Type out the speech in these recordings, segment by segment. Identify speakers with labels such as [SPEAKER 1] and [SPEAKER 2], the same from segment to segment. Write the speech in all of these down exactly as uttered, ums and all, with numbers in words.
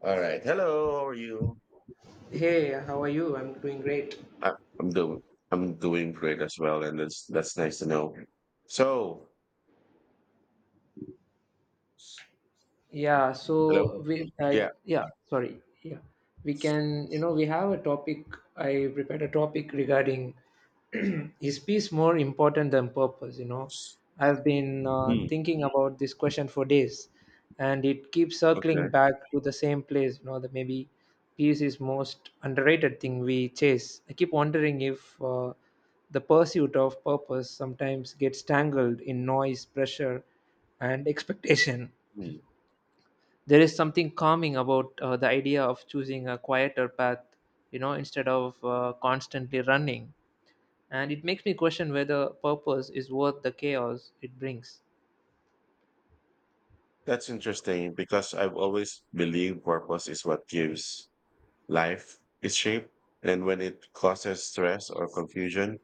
[SPEAKER 1] All right. Hello. How are you?
[SPEAKER 2] Hey, how are you? I'm doing great.
[SPEAKER 1] I, I'm doing I'm doing great as well, and that's that's nice to know. So,
[SPEAKER 2] Yeah,
[SPEAKER 1] hello.
[SPEAKER 2] so we, uh,
[SPEAKER 1] Yeah.
[SPEAKER 2] yeah, sorry. Yeah, we can, you know, we have a topic. I prepared a topic regarding is peace more important than purpose? You know, I've been uh,
[SPEAKER 1] Mm,
[SPEAKER 2] thinking about this question for days, and it keeps circling
[SPEAKER 1] okay.
[SPEAKER 2] back to the same place, you know, that maybe peace is most underrated thing we chase. I keep wondering if uh, the pursuit of purpose sometimes gets tangled in noise, pressure, and expectation.
[SPEAKER 1] Mm.
[SPEAKER 2] There is something calming about uh, the idea of choosing a quieter path, you know, instead of uh, constantly running, and it makes me question whether purpose is worth the chaos it brings.
[SPEAKER 1] That's interesting because I've always believed purpose is what gives life its shape, and when it causes stress or confusion,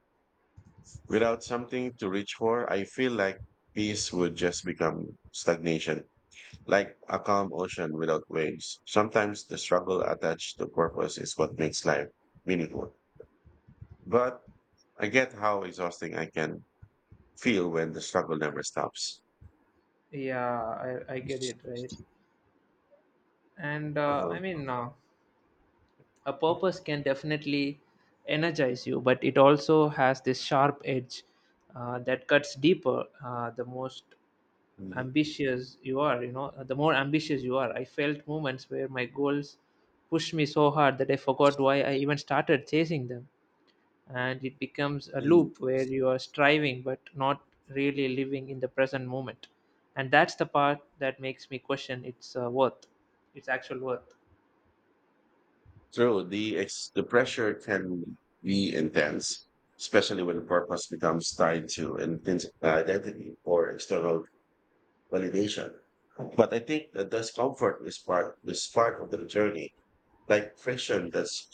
[SPEAKER 1] without something to reach for, I feel like peace would just become stagnation, like a calm ocean without waves. Sometimes the struggle attached to purpose is what makes life meaningful. But I get how exhausting I can feel when the struggle never stops.
[SPEAKER 2] Yeah, i, I get it, right? And uh,
[SPEAKER 1] Uh-huh.
[SPEAKER 2] i mean uh, a purpose can definitely energize you, but it also has this sharp edge uh, that cuts deeper. Uh, the most ambitious you are you know the more ambitious you are, I felt moments where my goals pushed me so hard that I forgot why I even started chasing them, and it becomes a
[SPEAKER 1] Mm.
[SPEAKER 2] loop where you are striving but not really living in the present moment. And that's the part that makes me question its uh, worth its actual worth.
[SPEAKER 1] True, the ex- the pressure can be intense, especially when the purpose becomes tied to an intense identity or external validation. But I think the discomfort is part is part of the journey, like friction that's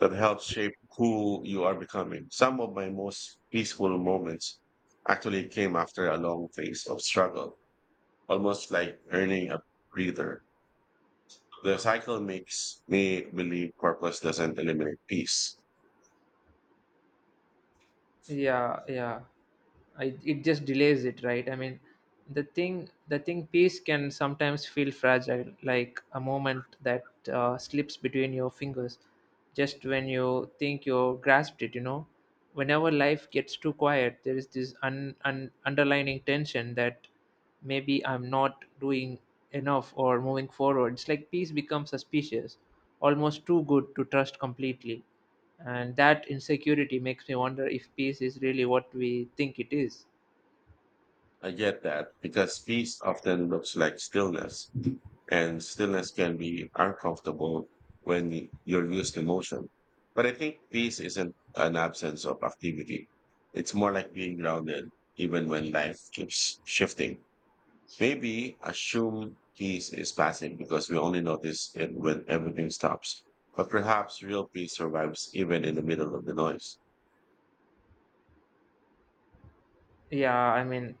[SPEAKER 1] that helps shape who you are becoming. Some of my most peaceful moments actually came after a long phase of struggle, almost like earning a breather. The cycle makes me believe purpose doesn't eliminate peace.
[SPEAKER 2] Yeah yeah I, It just delays it, right? I mean, the thing the thing peace can sometimes feel fragile, like a moment that uh, slips between your fingers just when you think you grasped it, you know. Whenever life gets too quiet, there is this un, un, underlining tension that maybe I'm not doing enough or moving forward. It's like peace becomes suspicious, almost too good to trust completely, and that insecurity makes me wonder if peace is really what we think it is.
[SPEAKER 1] I get that because peace often looks like stillness, and stillness can be uncomfortable when y- you're used to motion. But I think peace isn't an absence of activity. It's more like being grounded even when life keeps shifting. Maybe assume peace is passive because we only notice it when everything stops. But perhaps real peace survives even in the middle of the noise.
[SPEAKER 2] Yeah, I mean,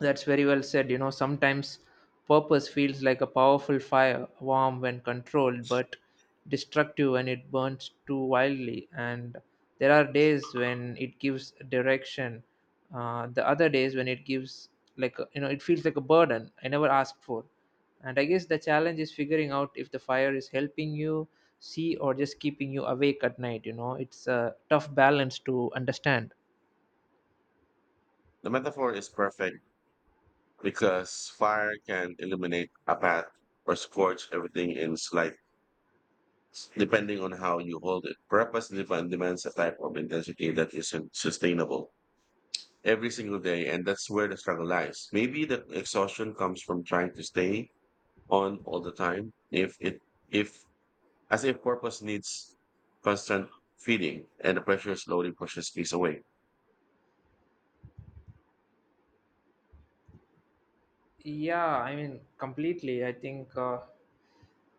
[SPEAKER 2] that's very well said. You know, sometimes purpose feels like a powerful fire, warm when controlled, but destructive when it burns too wildly. And there are days when it gives direction, uh, the other days when it gives, like, a- you know, it feels like a burden I never asked for. And I guess the challenge is figuring out if the fire is helping you see or just keeping you awake at night. You know, it's a tough balance to understand.
[SPEAKER 1] The metaphor is perfect because fire can illuminate a path or scorch everything in slight, depending on how you hold it. Purpose demand, demands a type of intensity that isn't sustainable every single day, and that's where the struggle lies. Maybe the exhaustion comes from trying to stay on all the time. If it, if As if purpose needs constant feeding, and the pressure slowly pushes peace away.
[SPEAKER 2] Yeah, I mean, completely. I think, uh,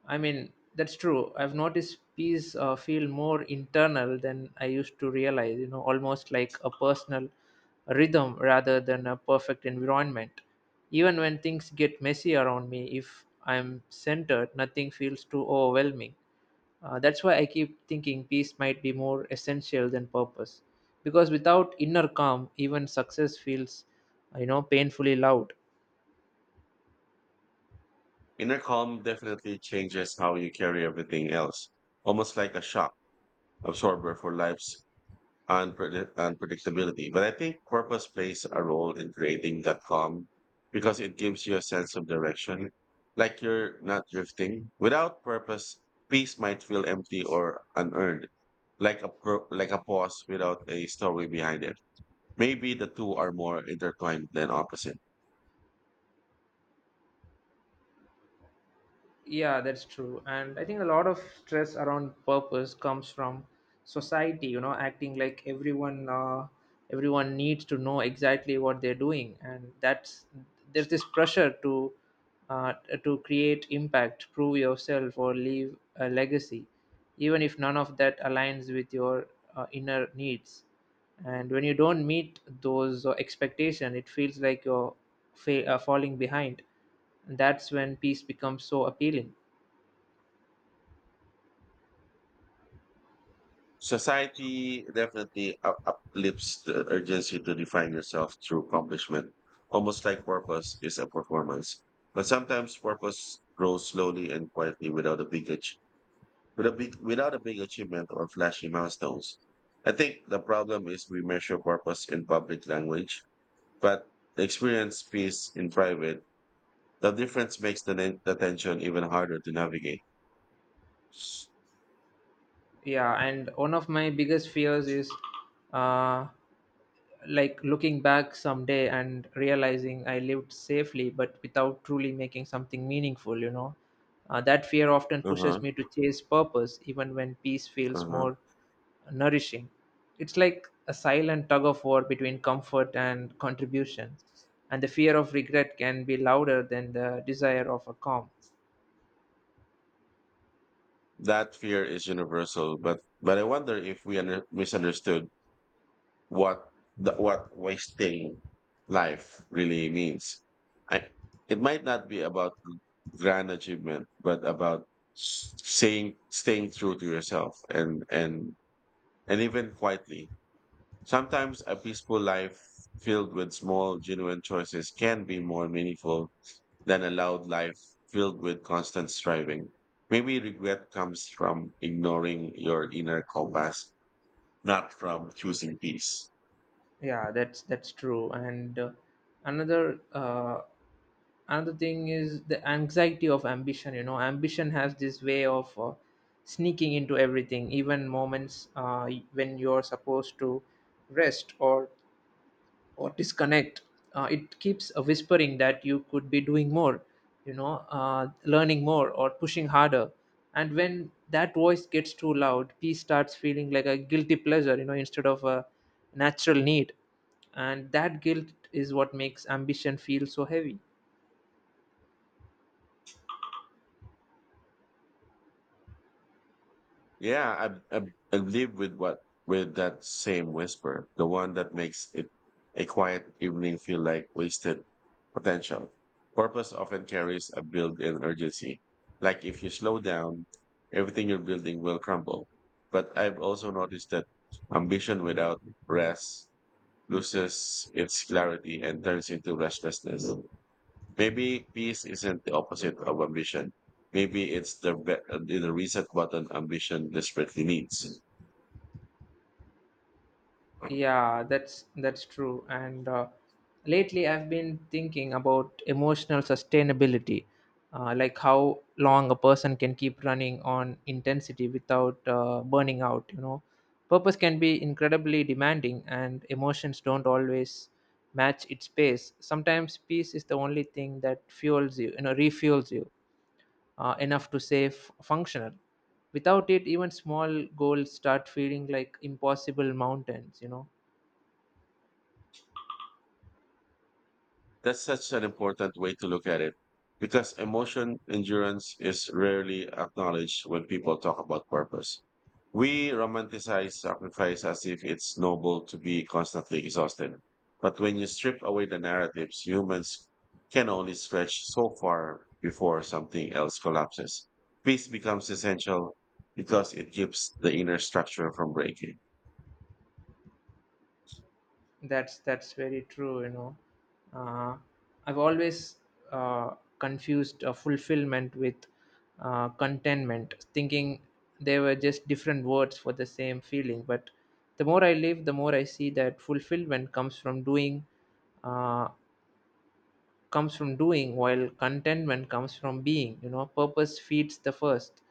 [SPEAKER 2] I mean, that's true. I've noticed peace uh, feel more internal than I used to realize, you know, almost like a personal rhythm rather than a perfect environment. Even when things get messy around me, if I'm centered, nothing feels too overwhelming. Uh, that's why I keep thinking peace might be more essential than purpose, because without inner calm, even success feels, you know, painfully loud.
[SPEAKER 1] Inner calm definitely changes how you carry everything else, almost like a shock absorber for life's unpredi- unpredictability. But I think purpose plays a role in creating that calm because it gives you a sense of direction, like you're not drifting. Without purpose, peace might feel empty or unearned, like a pro- like a pause without a story behind it. Maybe the two are more intertwined than opposite.
[SPEAKER 2] Yeah, that's true. And I think a lot of stress around purpose comes from society, you know, acting like everyone uh, everyone needs to know exactly what they're doing. And that's there's this pressure to uh, to create impact, prove yourself, or leave a legacy, even if none of that aligns with your uh, inner needs. And when you don't meet those expectations, it feels like you're fa- uh, falling behind. That's when peace becomes so appealing.
[SPEAKER 1] Society definitely up- uplifts the urgency to define yourself through accomplishment, almost like purpose is a performance. But sometimes purpose grows slowly and quietly without a big ach- with a big, without a big achievement or flashy milestones. I think the problem is we measure purpose in public language, but experience peace in private. The difference makes the, nen- the tension even harder to navigate.
[SPEAKER 2] Yeah, and one of my biggest fears is uh like looking back someday and realizing I lived safely but without truly making something meaningful, you know. Uh, that fear often
[SPEAKER 1] Uh huh.
[SPEAKER 2] pushes me to chase purpose even when peace
[SPEAKER 1] Uh
[SPEAKER 2] feels
[SPEAKER 1] huh.
[SPEAKER 2] more nourishing. It's like a silent tug of war between comfort and contribution, and the fear of regret can be louder than the desire of a calm.
[SPEAKER 1] That fear is universal, but but I wonder if we under, misunderstood what the, what wasting life really means. I, it might not be about grand achievement, but about s- saying staying true to yourself, and and and even quietly. Sometimes a peaceful life filled with small, genuine choices can be more meaningful than a loud life filled with constant striving. Maybe regret comes from ignoring your inner compass, not from choosing peace.
[SPEAKER 2] Yeah, that's that's true. And uh, another uh, another thing is the anxiety of ambition. You know, ambition has this way of uh, sneaking into everything, even moments uh, when you're supposed to rest or or disconnect. Uh, it keeps uh, whispering that you could be doing more, you know, uh, learning more or pushing harder. And when that voice gets too loud, peace starts feeling like a guilty pleasure, you know, instead of a natural need. And that guilt is what makes ambition feel so heavy.
[SPEAKER 1] Yeah, I, I, I live with what with that same whisper, the one that makes it a quiet evening feel like wasted potential. Purpose often carries a built-in urgency. Like if you slow down, everything you're building will crumble. But I've also noticed that ambition without rest loses its clarity and turns into restlessness. Maybe peace isn't the opposite of ambition. Maybe it's the, be- uh, the reset button ambition desperately needs.
[SPEAKER 2] Yeah, that's that's true. And uh, lately, I've been thinking about emotional sustainability, uh, like how long a person can keep running on intensity without uh, burning out. You know, purpose can be incredibly demanding, and emotions don't always match its pace. Sometimes peace is the only thing that fuels you, you know, refuels you uh, enough to stay f- functional. Without it, even small goals start feeling like impossible mountains. You know.
[SPEAKER 1] That's such an important way to look at it because emotion endurance is rarely acknowledged when people talk about purpose. We romanticize sacrifice as if it's noble to be constantly exhausted. But when you strip away the narratives, humans can only stretch so far before something else collapses. Peace becomes essential because it keeps the inner structure from breaking.
[SPEAKER 2] That's that's very true. You know, uh, I've always uh, confused uh, fulfillment with uh, contentment, thinking they were just different words for the same feeling. But the more I live, the more I see that fulfillment comes from doing. Uh, comes from doing, while contentment comes from being. You know, purpose feeds the first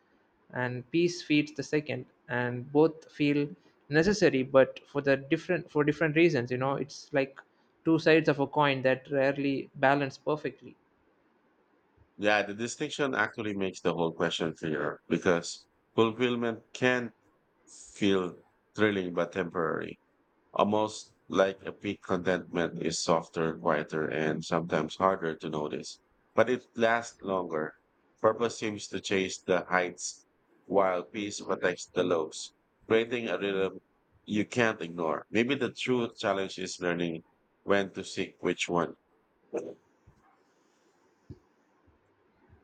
[SPEAKER 2] and peace feeds the second, and both feel necessary but for the different for different reasons. You know, it's like two sides of a coin that rarely balance perfectly.
[SPEAKER 1] Yeah, the distinction actually makes the whole question clearer because fulfillment can feel thrilling but temporary, almost like a peak. Contentment is softer, quieter, and sometimes harder to notice, but it lasts longer. Purpose seems to chase the heights while peace protects the lows, creating a rhythm you can't ignore. Maybe the true challenge is learning when to seek which one.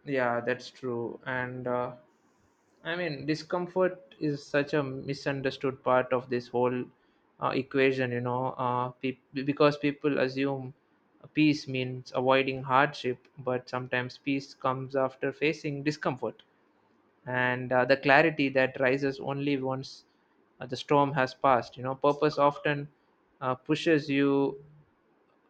[SPEAKER 2] Yeah, that's true. And uh, I mean, discomfort is such a misunderstood part of this whole uh, equation, you know, uh, peop because people assume peace means avoiding hardship, but sometimes peace comes after facing discomfort. And uh, the clarity that rises only once uh, the storm has passed, you know, purpose often uh, pushes you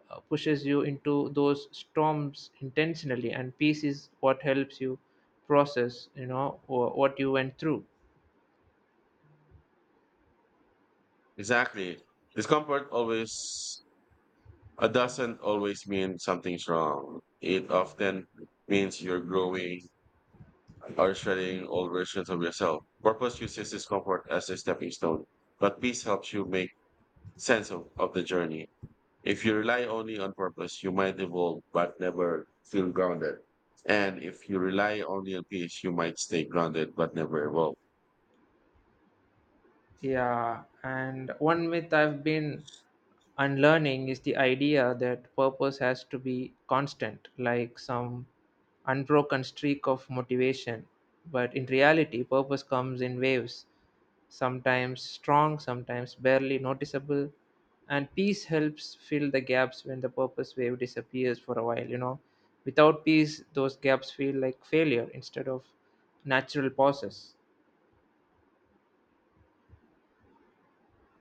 [SPEAKER 2] uh, pushes you into those storms intentionally, and peace is what helps you process, you know, wh- what you went through.
[SPEAKER 1] Exactly. Discomfort always It doesn't always mean something's wrong. It often means you're growing or shedding old versions of yourself. Purpose uses discomfort as a stepping stone, but peace helps you make sense of, of the journey. If you rely only on purpose, you might evolve but never feel grounded. And if you rely only on peace, you might stay grounded but never evolve.
[SPEAKER 2] Yeah, and one myth I've been unlearning is the idea that purpose has to be constant, like some unbroken streak of motivation. But in reality, purpose comes in waves, sometimes strong, sometimes barely noticeable. And peace helps fill the gaps when the purpose wave disappears for a while, you know. Without peace, those gaps feel like failure instead of natural pauses.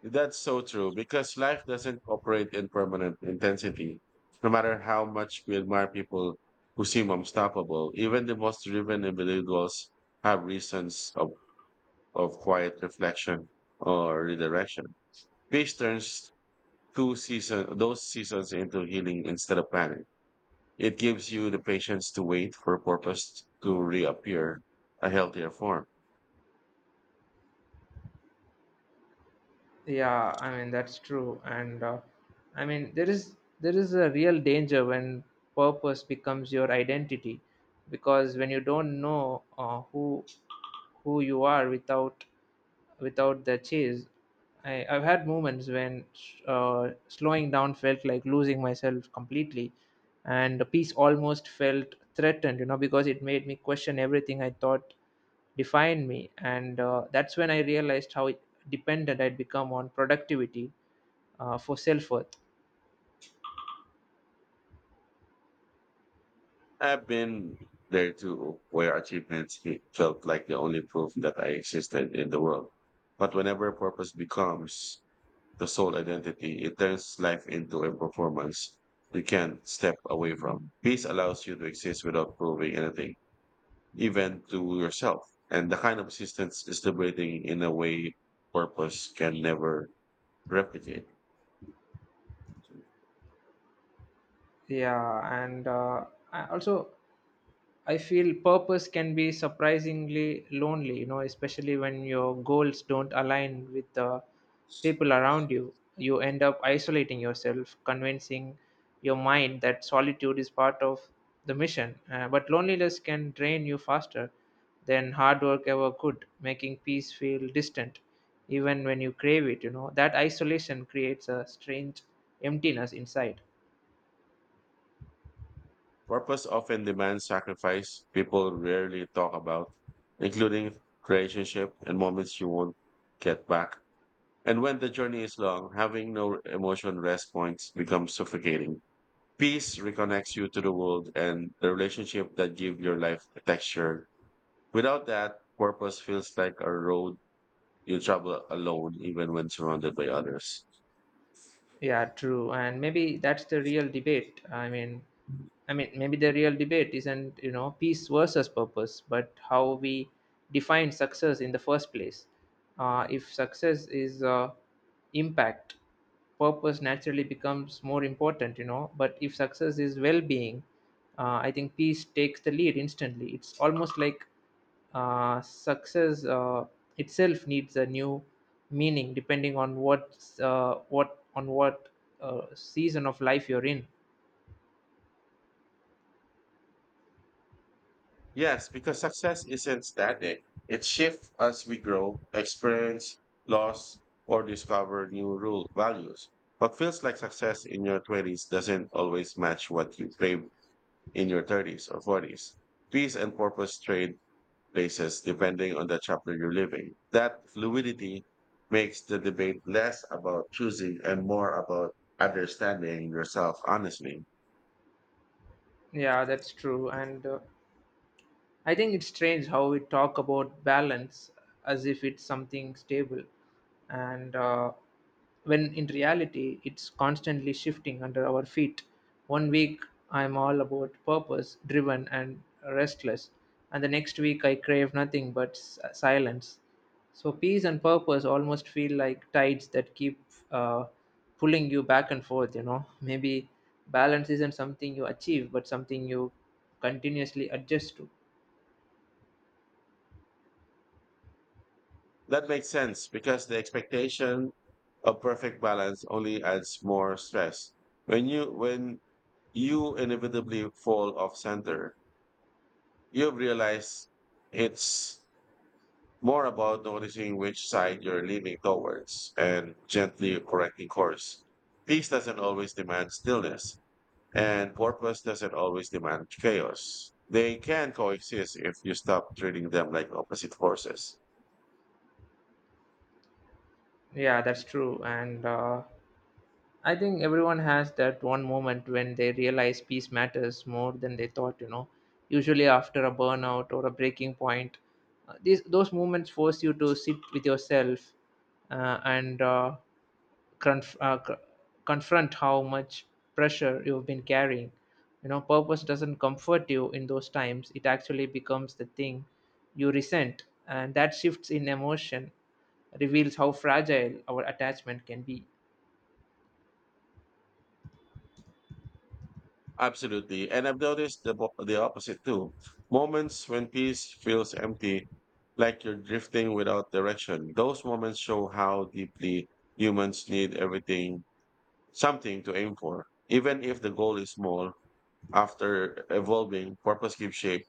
[SPEAKER 1] That's so true because life doesn't operate in permanent intensity. No matter how much we admire people who seem unstoppable, even the most driven individuals have reasons of, of quiet reflection or redirection. Peace turns two season, those seasons into healing instead of panic. It gives you the patience to wait for purpose to reappear a healthier form.
[SPEAKER 2] Yeah, I mean that's true, and uh, I mean there is there is a real danger when purpose becomes your identity, because when you don't know uh, who who you are without without the chase. I, I've had moments when uh, slowing down felt like losing myself completely, and the piece almost felt threatened, you know, because it made me question everything I thought defined me. And uh, that's when I realized how dependent I'd become on productivity uh, for self-worth.
[SPEAKER 1] I've been there too, where achievements fe- felt like the only proof that I existed in the world. But whenever purpose becomes the sole identity, it turns life into a performance you can't step away from. Peace allows you to exist without proving anything, even to yourself. And the kind of existence is liberating in a way purpose can never replicate.
[SPEAKER 2] Yeah, and uh, I also I feel purpose can be surprisingly lonely, you know, especially when your goals don't align with the people around you. You end up isolating yourself, convincing your mind that solitude is part of the mission. Uh, but loneliness can drain you faster than hard work ever could, making peace feel distant, even when you crave it, you know. That isolation creates a strange emptiness inside.
[SPEAKER 1] Purpose often demands sacrifice people rarely talk about, including relationship and moments you won't get back. And when the journey is long, having no emotion rest points becomes suffocating. Peace reconnects you to the world and the relationship that give your life a texture. Without that, purpose feels like a road you travel alone, even when surrounded by others.
[SPEAKER 2] Yeah, true. And maybe that's the real debate. I mean, I mean, maybe the real debate isn't, you know, peace versus purpose, but how we define success in the first place. Uh, if success is uh, impact, purpose naturally becomes more important, you know. But if success is well being, uh, I think peace takes the lead instantly. It's almost like uh, success uh, itself needs a new meaning depending on what's uh, what on what uh, season of life you're in.
[SPEAKER 1] Yes, because success isn't static. It shifts as we grow, experience, loss, or discover new rule values. What feels like success in your twenties doesn't always match what you crave in your thirties or forties. Peace and purpose trade places depending on the chapter you're living. That fluidity makes the debate less about choosing and more about understanding yourself honestly.
[SPEAKER 2] Yeah, that's true, and uh, I think it's strange how we talk about balance as if it's something stable, and uh, when in reality it's constantly shifting under our feet. One week I'm all about purpose, driven, and restless, and the next week I crave nothing but s- silence. So peace and purpose almost feel like tides that keep uh, pulling you back and forth. You know, maybe balance isn't something you achieve, but something you continuously adjust to.
[SPEAKER 1] That makes sense because the expectation of perfect balance only adds more stress. When you when you inevitably fall off center, you realize it's more about noticing which side you're leaning towards and gently correcting course. Peace doesn't always demand stillness, and purpose doesn't always demand chaos. They can coexist if you stop treating them like opposite forces.
[SPEAKER 2] Yeah, that's true. And uh, I think everyone has that one moment when they realize peace matters more than they thought, you know. Usually after a burnout or a breaking point, uh, these those moments force you to sit with yourself uh, and uh, conf- uh, c- confront how much pressure you've been carrying, you know. Purpose doesn't comfort you in those times. It actually becomes the thing you resent, and that shifts in emotion reveals how fragile our attachment can be.
[SPEAKER 1] Absolutely. And I've noticed the, bo- the opposite too. Moments when peace feels empty, like you're drifting without direction. Those moments show how deeply humans need everything, something to aim for. Even if the goal is small, after evolving, purpose gives shape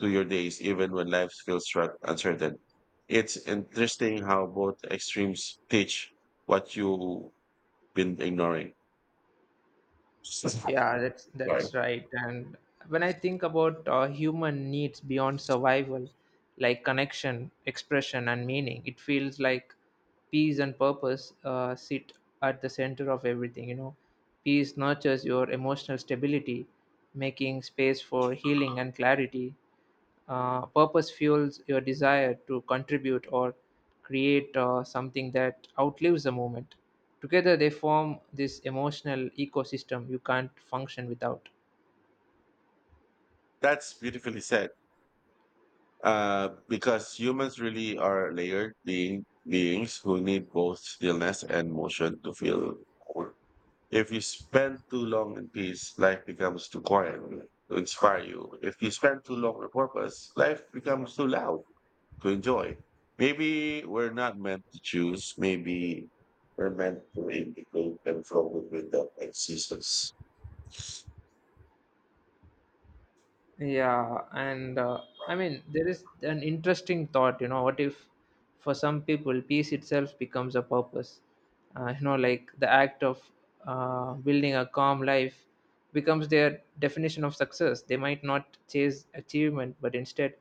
[SPEAKER 1] to your days, even when life feels stru- uncertain. It's interesting how both extremes teach what you've been ignoring. Sorry.
[SPEAKER 2] Yeah, that's that's right. And when I think about uh, human needs beyond survival, like connection, expression, and meaning, it feels like peace and purpose uh, sit at the center of everything. You know, peace nurtures your emotional stability, making space for healing and clarity. Uh, purpose fuels your desire to contribute or create uh, something that outlives the moment. Together, they form this emotional ecosystem you can't function without.
[SPEAKER 1] That's beautifully said. Uh, because humans really are layered being beings who need both stillness and motion to feel whole. If you spend too long in peace, life becomes too quiet to inspire you. If you spend too long on purpose, life becomes too loud to enjoy. Maybe we're not meant to choose. Maybe we're meant to integrate and flow with the existence.
[SPEAKER 2] Yeah, and uh, I mean, there is an interesting thought, you know, what if for some people peace itself becomes a purpose? Uh, you know, like the act of uh, building a calm life becomes their definition of success. They might not chase achievement, but instead,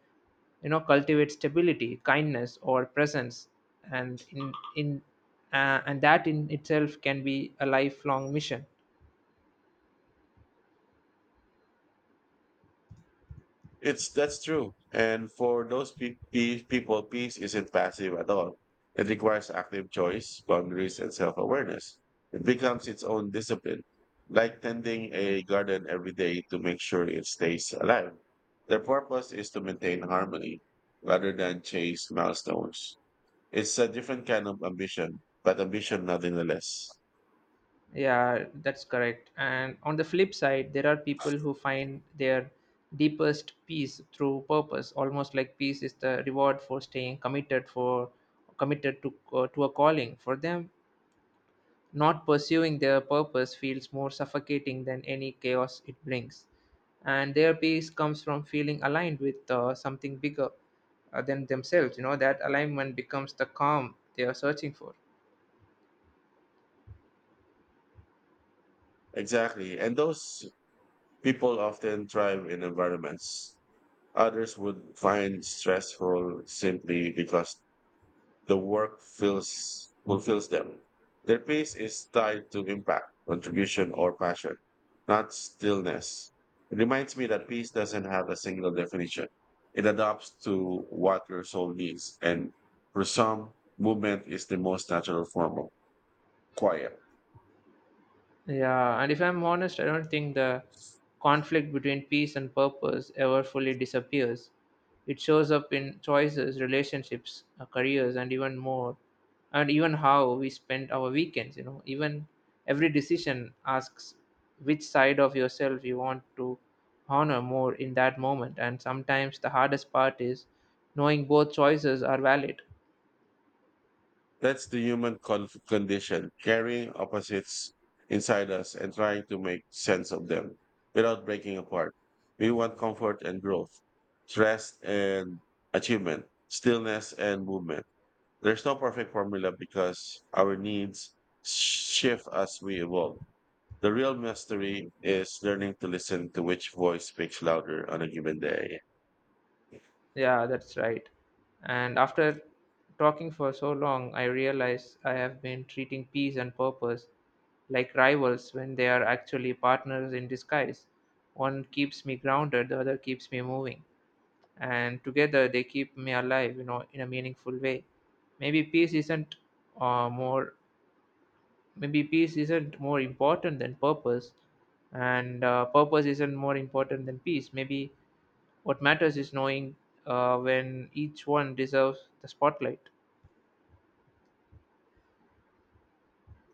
[SPEAKER 2] you know, cultivate stability, kindness, or presence, and in in uh, and that in itself can be a lifelong mission.
[SPEAKER 1] It's That's true. And for those pe- pe- people, peace isn't passive at all. It requires active choice, boundaries, and self-awareness. It becomes its own discipline, like tending a garden every day to make sure it stays alive. Their purpose is to maintain harmony rather than chase milestones. It's a different kind of ambition, but ambition nonetheless.
[SPEAKER 2] Yeah, that's correct. And on the flip side, there are people who find their deepest peace through purpose, almost like peace is the reward for staying committed for committed to uh, to a calling. For them, not pursuing their purpose feels more suffocating than any chaos it brings. And their peace comes from feeling aligned with uh, something bigger, uh, than themselves. You know, that alignment becomes the calm they are searching for.
[SPEAKER 1] Exactly. And those people often thrive in environments others would find stressful simply because the work feels fulfills them. Their pace is tied to impact, contribution, or passion, not stillness. It reminds me that peace doesn't have a single definition. It adapts to what your soul needs, and for some, movement is the most natural form of quiet.
[SPEAKER 2] Yeah, and if I'm honest, I don't think the conflict between peace and purpose ever fully disappears. It shows up in choices, relationships, uh, careers, and even more, and even how we spend our weekends. You know, even every decision asks which side of yourself you want to honor more in that moment. And sometimes the hardest part is knowing both choices are valid.
[SPEAKER 1] That's the human con- condition, carrying opposites inside us and trying to make sense of them without breaking apart. We want comfort and growth, rest and achievement, stillness and movement. There's no perfect formula because our needs shift as we evolve. The real mystery is learning to listen to which voice speaks louder on a given day.
[SPEAKER 2] Yeah, that's right. And after talking for so long, I realize I have been treating peace and purpose like rivals when they are actually partners in disguise. One keeps me grounded, the other keeps me moving. And together they keep me alive, you know, in a meaningful way. Maybe peace isn't uh, more Maybe peace isn't more important than purpose, and uh, purpose isn't more important than peace. Maybe what matters is knowing uh, when each one deserves the spotlight.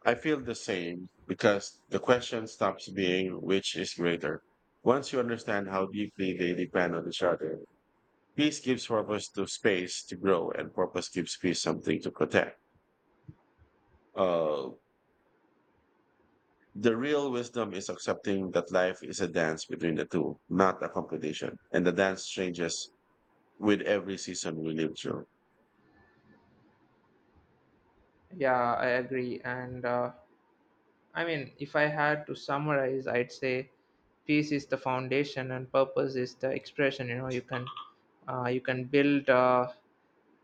[SPEAKER 1] I feel the same because the question stops being which is greater. Once you understand how deeply they depend on each other, peace gives purpose to space to grow, and purpose gives peace something to protect. Uh, the real wisdom is accepting that life is a dance between the two, not a competition. And the dance changes with every season we live through.
[SPEAKER 2] Yeah, I agree. And uh, I mean, if I had to summarize, I'd say peace is the foundation and purpose is the expression. You know, you can uh, you can build uh,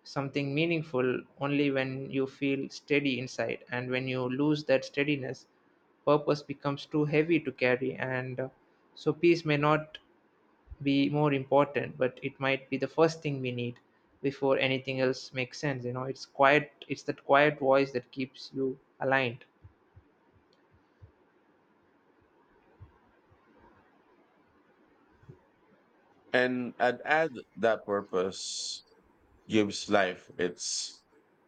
[SPEAKER 2] something meaningful only when you feel steady inside, and when you lose that steadiness, purpose becomes too heavy to carry. And uh, so, peace may not be more important, but it might be the first thing we need before anything else makes sense. You know, it's quiet. It's that quiet voice that keeps you aligned.
[SPEAKER 1] And I'd add that purpose gives life its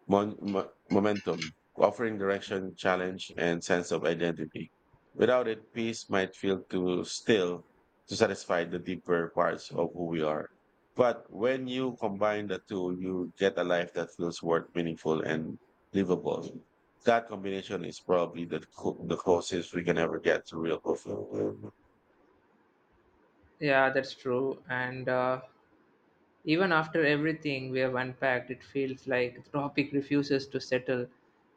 [SPEAKER 1] mon- mo- momentum, offering direction, challenge, and sense of identity. Without it, peace might feel too still to satisfy the deeper parts of who we are. But when you combine the two, you get a life that feels worth meaningful and livable. That combination is probably the, clo- the closest we can ever get to real fulfillment.
[SPEAKER 2] Yeah, that's true. And uh, even after everything we have unpacked, it feels like the topic refuses to settle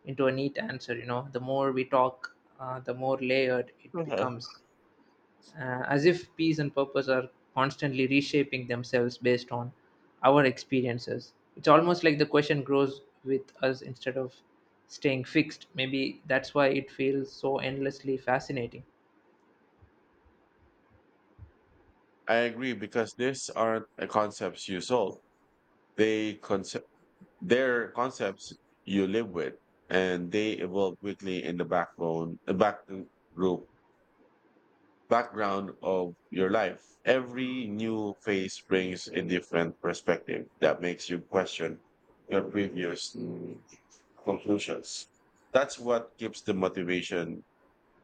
[SPEAKER 2] into a neat answer. You know, the more we talk, uh, the more layered it
[SPEAKER 1] Mhm.
[SPEAKER 2] becomes, uh, as if peace and purpose are constantly reshaping themselves based on our experiences. It's almost like the question grows with us instead of staying fixed. Maybe that's why it feels so endlessly fascinating.
[SPEAKER 1] I agree because these aren't uh, concepts you sold. They conce- They're concepts you live with, and they evolve quickly in the backbone, the back uh, group background of your life. Every new phase brings a different perspective that makes you question your previous mm, conclusions. That's what keeps the motivation,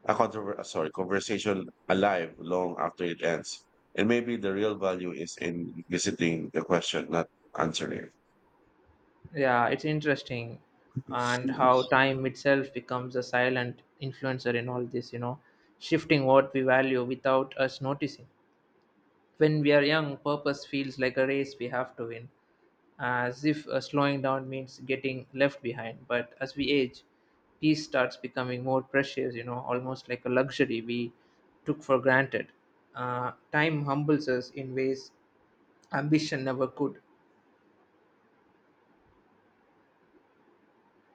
[SPEAKER 1] a controver- uh, sorry, conversation alive long after it ends. And maybe the real value is in visiting the question, not answering
[SPEAKER 2] Yeah, it's interesting, and
[SPEAKER 1] it.
[SPEAKER 2] how time itself becomes a silent influencer in all this, you know, shifting what we value without us noticing. When we are young, purpose feels like a race we have to win, as if uh, slowing down means getting left behind. But as we age, peace starts becoming more precious, you know, almost like a luxury we took for granted. Uh, time humbles us in ways ambition never could.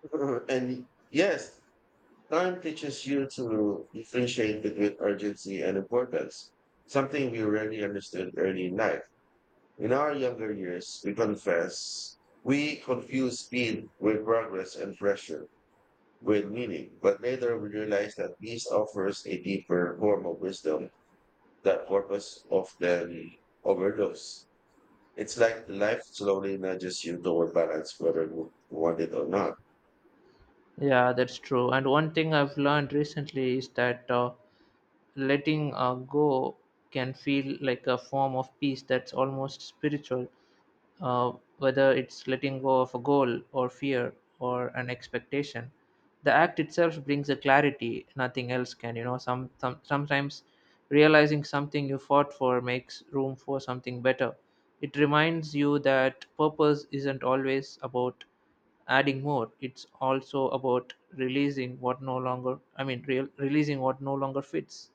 [SPEAKER 1] And yes, time teaches you to differentiate between urgency and importance, something we rarely understood early in life. In our younger years, we confess, we confuse speed with progress and pressure with meaning, but later we realize that peace offers a deeper form of wisdom that purpose often overlooks. It's like life slowly nudges you toward balance, whether you want it or not.
[SPEAKER 2] Yeah, that's true. And one thing I've learned recently is that uh, letting uh, go can feel like a form of peace that's almost spiritual. Uh, whether it's letting go of a goal or fear or an expectation, the act itself brings a clarity nothing else can. You know, some, some sometimes realizing something you fought for makes room for something better. It reminds you that purpose isn't always about adding more. It's also about releasing what no longer i mean real releasing what no longer fits.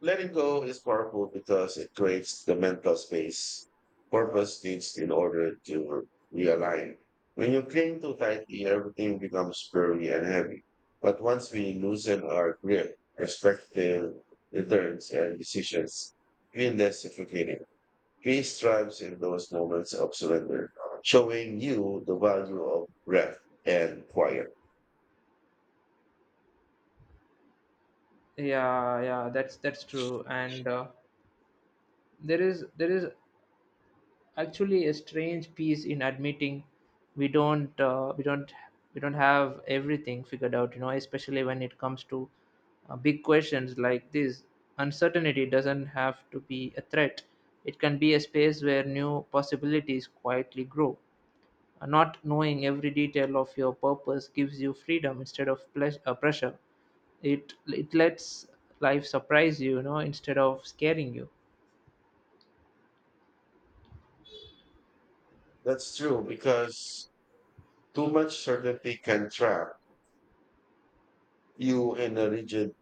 [SPEAKER 1] Letting go is powerful because it creates the mental space purpose needs in order to realign. When you cling too tightly, everything becomes blurry and heavy. But once we loosen our grip, perspective returns, and decisions feel less suffocating. Peace thrives in those moments of surrender, showing you the value of breath and quiet.
[SPEAKER 2] Yeah yeah that's that's true. And uh, there is there is actually a strange piece in admitting we don't uh, we don't we don't have everything figured out. You know, especially when it comes to uh, big questions like this, uncertainty doesn't have to be a threat. It can be a space where new possibilities quietly grow. Uh, not knowing every detail of your purpose gives you freedom instead of pleas- uh, pressure. It it lets life surprise you, you know, instead of scaring you.
[SPEAKER 1] That's true because too much certainty can trap you in a rigid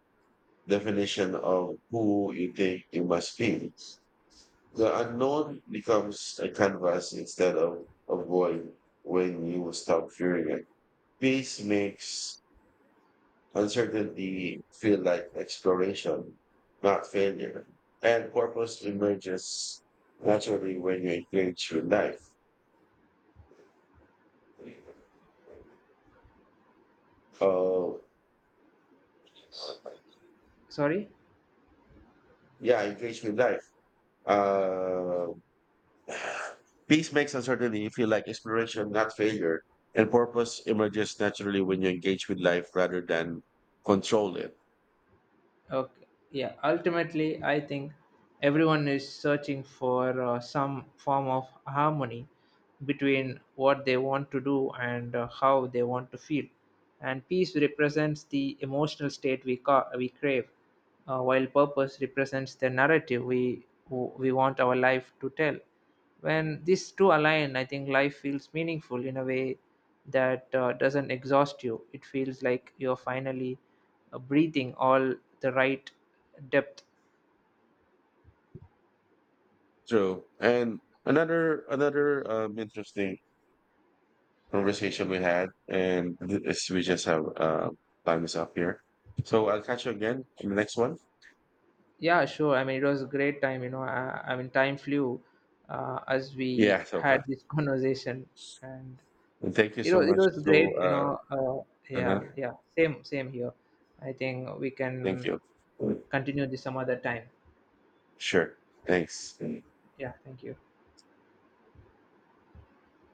[SPEAKER 1] definition of who you think you must be. The unknown becomes a canvas instead of a void when you stop fearing it. Peace makes uncertainty feel like exploration, not failure. And purpose emerges naturally when you engage with life. Uh,
[SPEAKER 2] Sorry.
[SPEAKER 1] yeah, engage with life. Uh, Peace makes uncertainty feel like exploration, not failure, and purpose emerges naturally when you engage with life rather than control it.
[SPEAKER 2] Okay. Yeah. Ultimately, I think everyone is searching for uh, some form of harmony between what they want to do and uh, how they want to feel. And peace represents the emotional state we ca- we crave, uh, while purpose represents the narrative we we want our life to tell. When these two align, I think life feels meaningful in a way that uh, doesn't exhaust you. It feels like you're finally uh, breathing all the right depth.
[SPEAKER 1] True. And another another um, interesting conversation we had, and this, we just have uh, time is up here. So I'll catch you again in the next one.
[SPEAKER 2] Yeah, sure. I mean, it was a great time. You know, i, I mean time flew uh, as we
[SPEAKER 1] Yeah, so far.
[SPEAKER 2] had this conversation. And
[SPEAKER 1] And thank you
[SPEAKER 2] it
[SPEAKER 1] so
[SPEAKER 2] was, it
[SPEAKER 1] much.
[SPEAKER 2] was
[SPEAKER 1] So,
[SPEAKER 2] great. You
[SPEAKER 1] uh,
[SPEAKER 2] know, uh,
[SPEAKER 1] uh-huh.
[SPEAKER 2] yeah, yeah, same same here. I think we
[SPEAKER 1] Thank
[SPEAKER 2] can
[SPEAKER 1] you.
[SPEAKER 2] continue this some other time.
[SPEAKER 1] Sure. Thanks.
[SPEAKER 2] Yeah, thank you.